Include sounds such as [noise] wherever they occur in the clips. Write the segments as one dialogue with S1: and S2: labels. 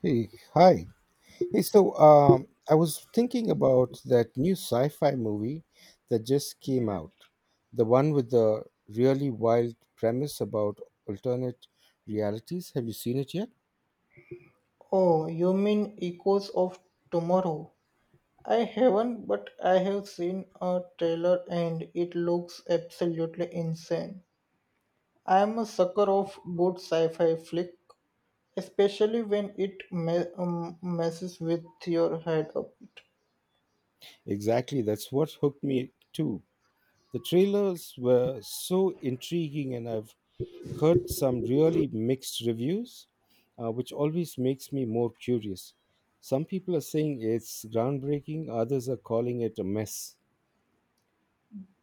S1: Hey, hi. Hey, I was thinking about that new sci-fi movie that just came out, the one with the really wild premise about alternate realities. Have you seen it yet?
S2: Oh, you mean Echoes of Tomorrow? I haven't, but I have seen a trailer and it looks absolutely insane. I am a sucker of good sci fi flick, especially when messes with your head a bit.
S1: Exactly, that's what hooked me too. The trailers were so intriguing, and I've heard some really mixed reviews, which always makes me more curious. Some people are saying it's groundbreaking, others are calling it a mess.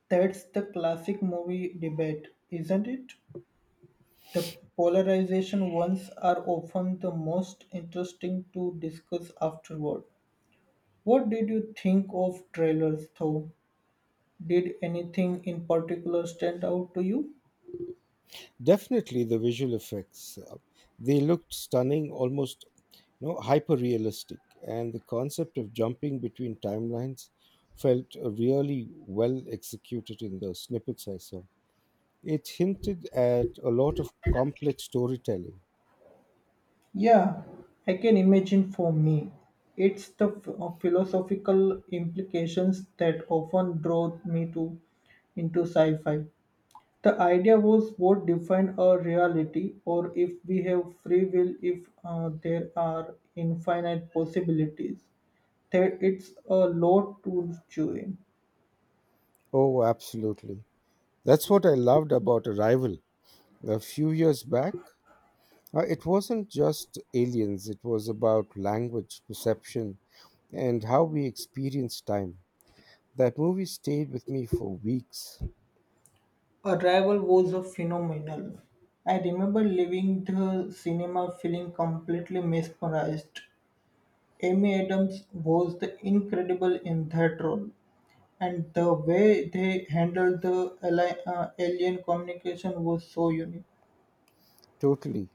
S2: That's the classic movie debate, isn't it? The polarization ones are often the most interesting to discuss afterward. What did you think of trailers though? Did anything in particular stand out to you?
S1: Definitely the visual effects. They looked stunning, almost hyper realistic, and the concept of jumping between timelines felt really well executed in the snippets I saw. It hinted at a lot of complex storytelling.
S2: Yeah, I can imagine for me. It's the philosophical implications that often drove me to into sci-fi. The idea was what define our reality or if we have free will if there are infinite possibilities. That it's a lot to chew in.
S1: Oh, absolutely. That's what I loved about Arrival. A few years back, it wasn't just aliens, it was about language, perception, and how we experience time. That movie stayed with me for weeks.
S2: Arrival was a phenomenal. I remember leaving the cinema feeling completely mesmerized. Amy Adams was the incredible in that role, and the way they handled the alien communication was so unique.
S1: Totally.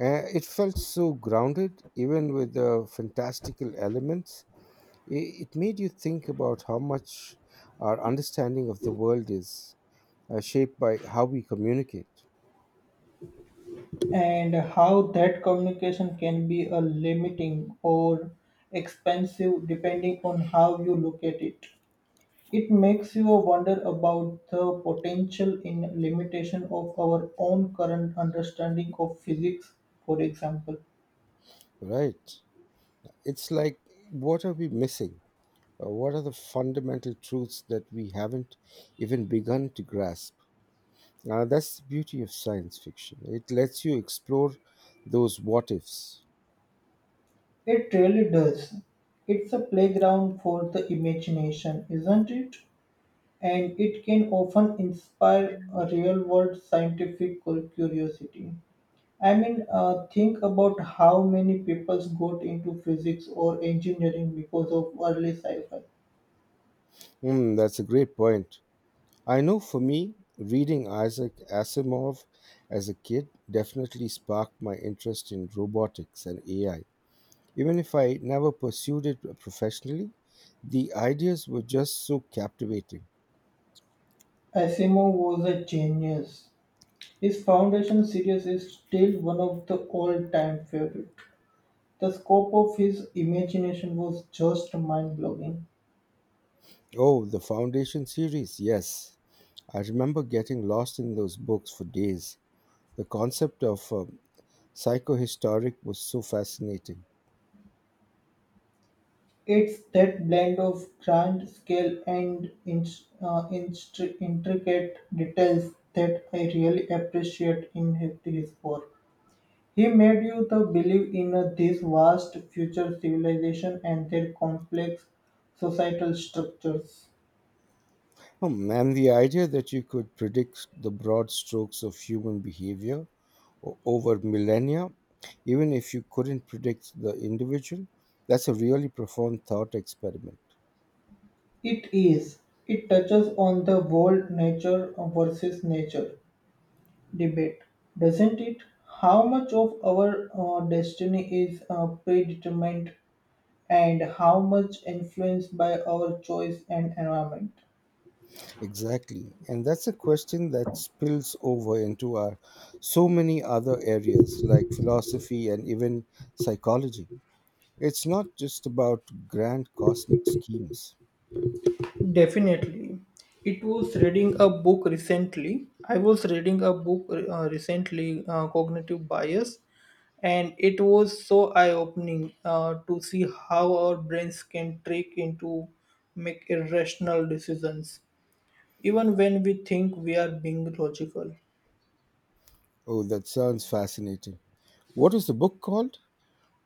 S1: It felt so grounded, even with the fantastical elements. It made you think about how much our understanding of the world is shaped by how we communicate.
S2: And how that communication can be a limiting or expensive depending on how you look at it. It makes you wonder about the potential in limitation of our own current understanding of physics, for example.
S1: Right. It's like, what are we missing? What are the fundamental truths that we haven't even begun to grasp? That's the beauty of science fiction. It lets you explore those what ifs.
S2: It really does. It's a playground for the imagination, isn't it? And it can often inspire a real world scientific curiosity. I mean, think about how many people got into physics or engineering because of early sci fi.
S1: Hmm, that's a great point. I know for me, reading Isaac Asimov as a kid definitely sparked my interest in robotics and AI. Even if I never pursued it professionally, the ideas were just so captivating.
S2: Asimov was a genius, His Foundation series is still one of the all-time favorite. The scope of his imagination was just mind-blowing.
S1: Oh, the Foundation series, yes. I remember getting lost in those books for days. The concept of psychohistoric was so fascinating.
S2: It's that blend of grand scale and intricate details that I really appreciate in his work. He made you the believe in a, this vast future civilization and their complex societal structures.
S1: Hmm, and the idea that you could predict the broad strokes of human behavior over millennia, even if you couldn't predict the individual, that's a really profound thought experiment.
S2: It is. It touches on the world nature versus nature debate, doesn't it? How much of our destiny is predetermined and how much influenced by our choice and environment?
S1: Exactly. And that's a question that spills over into our so many other areas like philosophy and even psychology. It's not just about grand cosmic schemes.
S2: Definitely. It was reading a book recently. I was reading a book recently, Cognitive Bias, and it was so eye opening to see how our brains can trick into make irrational decisions even when we think we are being logical
S1: Oh, that sounds fascinating. What is the book called?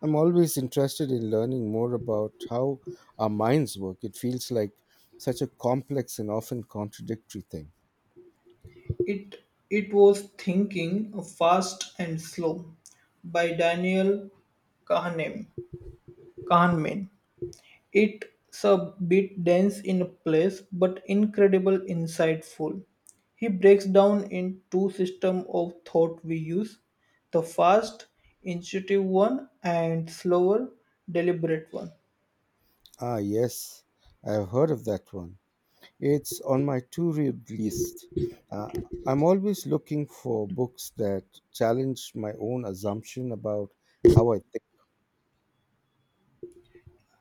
S1: I'm always interested in learning more about how our minds work. It feels like such a complex and often contradictory thing.
S2: it it was thinking fast and slow by daniel kahneman kahneman. It's a bit dense in place but incredible insightful. He breaks down in two systems of thought we use, the fast, intuitive one and slower, deliberate one.
S1: Ah, yes, I have heard of that one. It's on my to read list. Uh, I'm always looking for books that challenge my own assumption about how I think.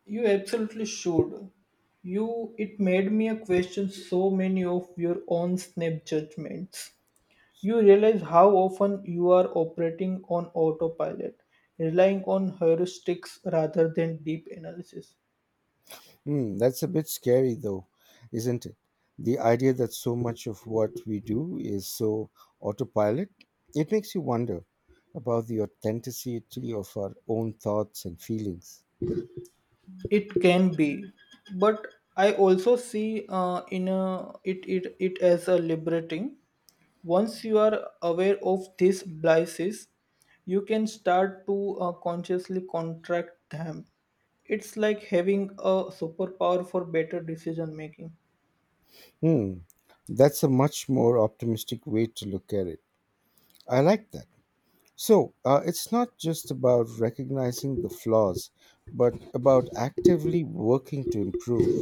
S2: You absolutely should. You it made me a question so many of your own snap judgments. You realize how often you are operating on autopilot, relying on heuristics rather than deep analysis.
S1: Hmm, that's a bit scary, though, isn't it? The idea that so much of what we do is so autopilot, it makes you wonder about the authenticity of our own thoughts and feelings.
S2: It can be but I also see in a, it as a liberating once you are aware of these biases you can start to consciously contract them it's like having a superpower for better decision making
S1: Hmm, that's a much more optimistic way to look at it. I like that. So it's not just about recognizing the flaws, but about actively working to improve.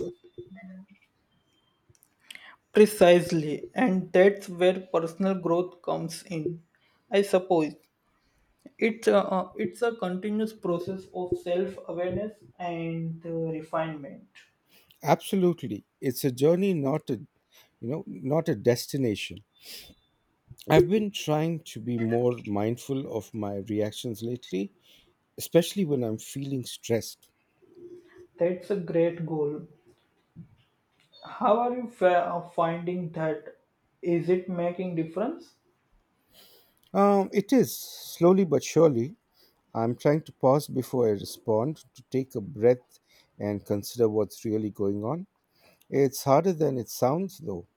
S2: precisely and that's where personal growth comes in I suppose it's a continuous process of self awareness and refinement.
S1: Absolutely. It's a journey, not a destination. I've been trying to be more mindful of my reactions lately, especially when I'm feeling stressed.
S2: That's a great goal. How are you finding that? Is it making difference?
S1: It is slowly but surely. I'm trying to pause before I respond, to take a breath and consider what's really going on. It's harder than it sounds, though.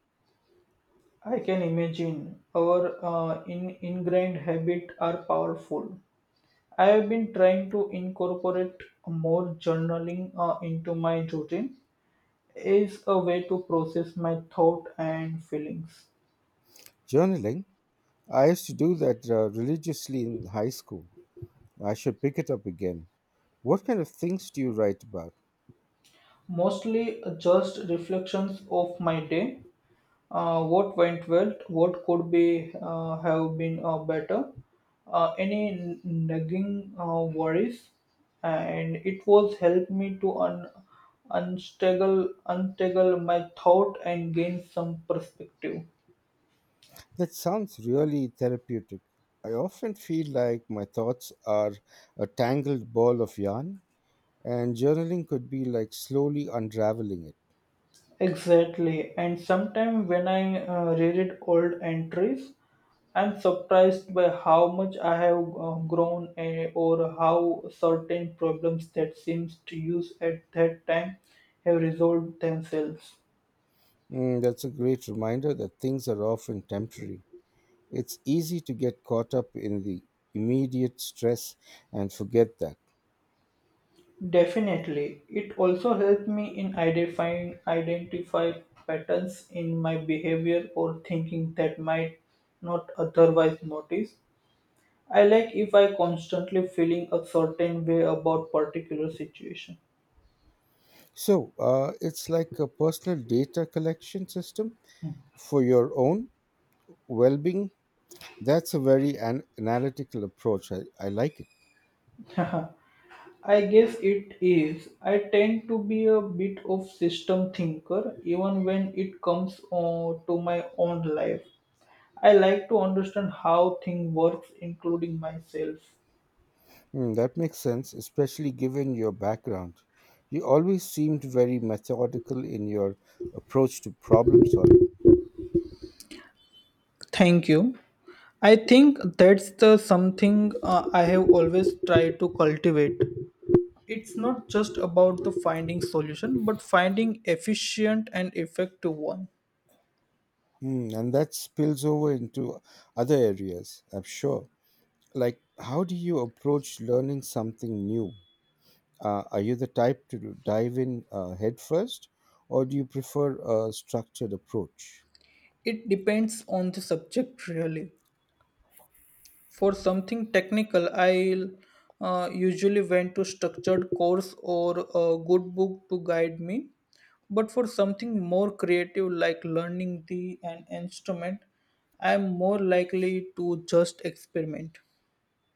S2: I can imagine our ingrained habit are powerful. I have been trying to incorporate more journaling into my routine is a way to process my thought and feelings.
S1: Journaling, I used to do that religiously in high school. I should pick it up again. What kind of things do you write about?
S2: Mostly just reflections of my day. What went well? What could be have been better? Any nagging worries? And it was helped me to untangle my thought and gain some perspective.
S1: That sounds really therapeutic. I often feel like my thoughts are a tangled ball of yarn, and journaling could be like slowly unraveling it.
S2: Exactly, and sometimes when I reread old entries, I'm surprised by how much I have grown or how certain problems that seems to use at that time have resolved themselves.
S1: Mm, that's a great reminder that things are often temporary. It's easy to get caught up in the immediate stress and forget that.
S2: Definitely, it also helped me in identify patterns in my behavior or thinking that might not otherwise notice. I like if I constantly feeling a certain way about particular situation.
S1: So it's like a personal data collection system for your own well being. That's a very analytical approach. I like it.
S2: [laughs] I guess it is. I tend to be a bit of system thinker even when it comes to my own life. I like to understand how things works including myself.
S1: Hmm, that makes sense, especially given your background. You always seemed very methodical in your approach to problem solving.
S2: Thank you. I think that's the something I have always tried to cultivate. It's not just about the finding solution but finding efficient and effective one.
S1: Hmm, and that spills over into other areas, I'm sure. Like, how do you approach learning something new? Are you the type to dive in head first, or do you prefer a structured approach?
S2: It depends on the subject really for something technical I'll usually went to structured course or a good book to guide me but for something more creative like learning the an instrument I'm more likely to just experiment.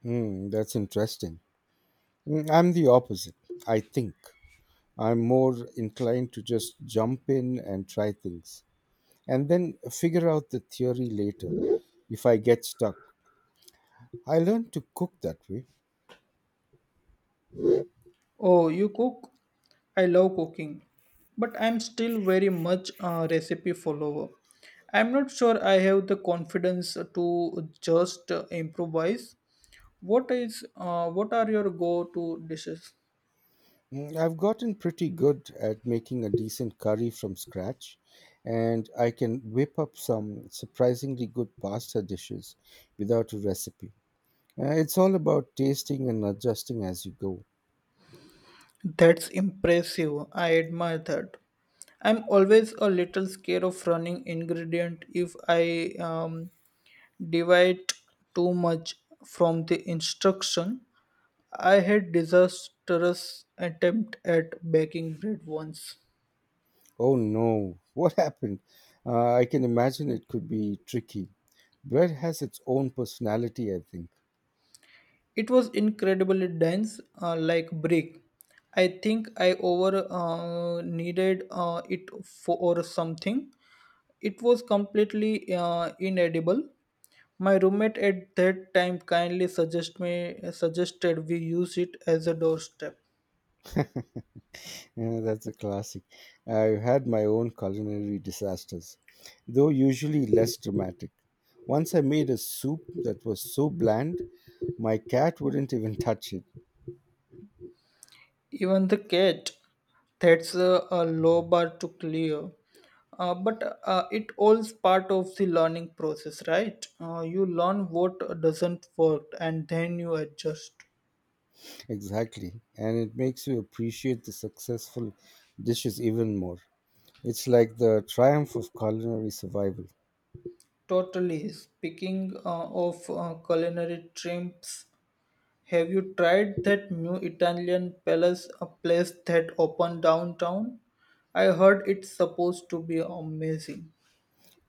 S1: Hmm, that's interesting. Mm, I'm the opposite, I think. I'm more inclined to just jump in and try things, and then figure out the theory later if I get stuck. I learned to cook that way.
S2: Oh, you cook? I love cooking, but I'm still very much a recipe follower. I'm not sure I have the confidence to just improvise. What are your go-to dishes?
S1: Mm, I've gotten pretty good at making a decent curry from scratch, and I can whip up some surprisingly good pasta dishes without a recipe. It's all about tasting and adjusting as you go.
S2: That's impressive. I admire that. I'm always a little scared of running ingredient if I deviate too much from the instruction. I had disastrous attempt at baking bread once.
S1: Oh no, [laughs] what happened? I can imagine it could be tricky. Bread has its own personality, I think.
S2: It was incredibly dense, like brick. I think I over needed it for something. It was completely inedible. My roommate at that time kindly suggested we use it as a doorstep.
S1: Yeah, that's a classic. I've had my own culinary disasters, though usually less dramatic. Once I made a soup that was so bland, my cat wouldn't even touch it.
S2: Even the cat that's a low bar to clear. But it all's part of the learning process, right? You learn what doesn't work and then you adjust.
S1: Exactly. And it makes you appreciate the successful dishes even more. It's like the triumph of culinary survival.
S2: Totally. Speaking of culinary trips, have you tried that new a place that opened downtown? I heard it's supposed to be amazing.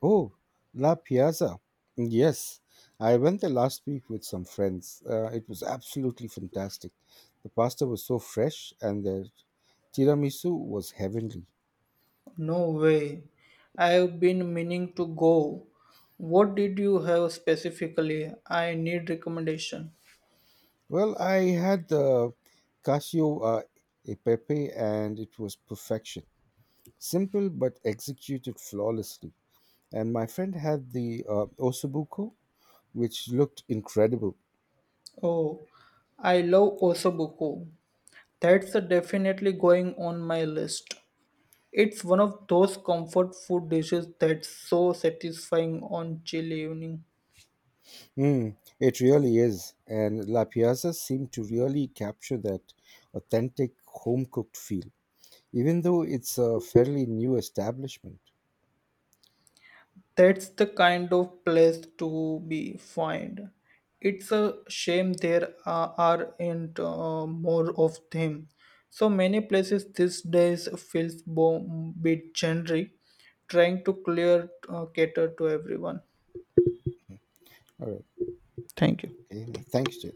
S1: Oh, La Piazza. Yes, I went there last week with some friends. It was absolutely fantastic. The pasta was so fresh and the tiramisu was heavenly.
S2: No way. I've been meaning to go. What did you have specifically? I need recommendation.
S1: Well, I had the casio e pepe and it was perfection. Simple but executed flawlessly. And my friend had the ossobuco, which looked incredible.
S2: Oh, I love Osobuku. That's a definitely going on my list. It's one of those comfort food dishes that's so satisfying on chilly evening.
S1: Mm, it really is. And La Piazza seemed to really capture that authentic home cooked feel, even though it's a fairly new establishment.
S2: That's the kind of place to be found. It's a shame there aren't more of them. So many places these days feels a bit generic, trying to clear cater to everyone.
S1: All right.
S2: Thank you.
S1: Okay. Thanks, Jay.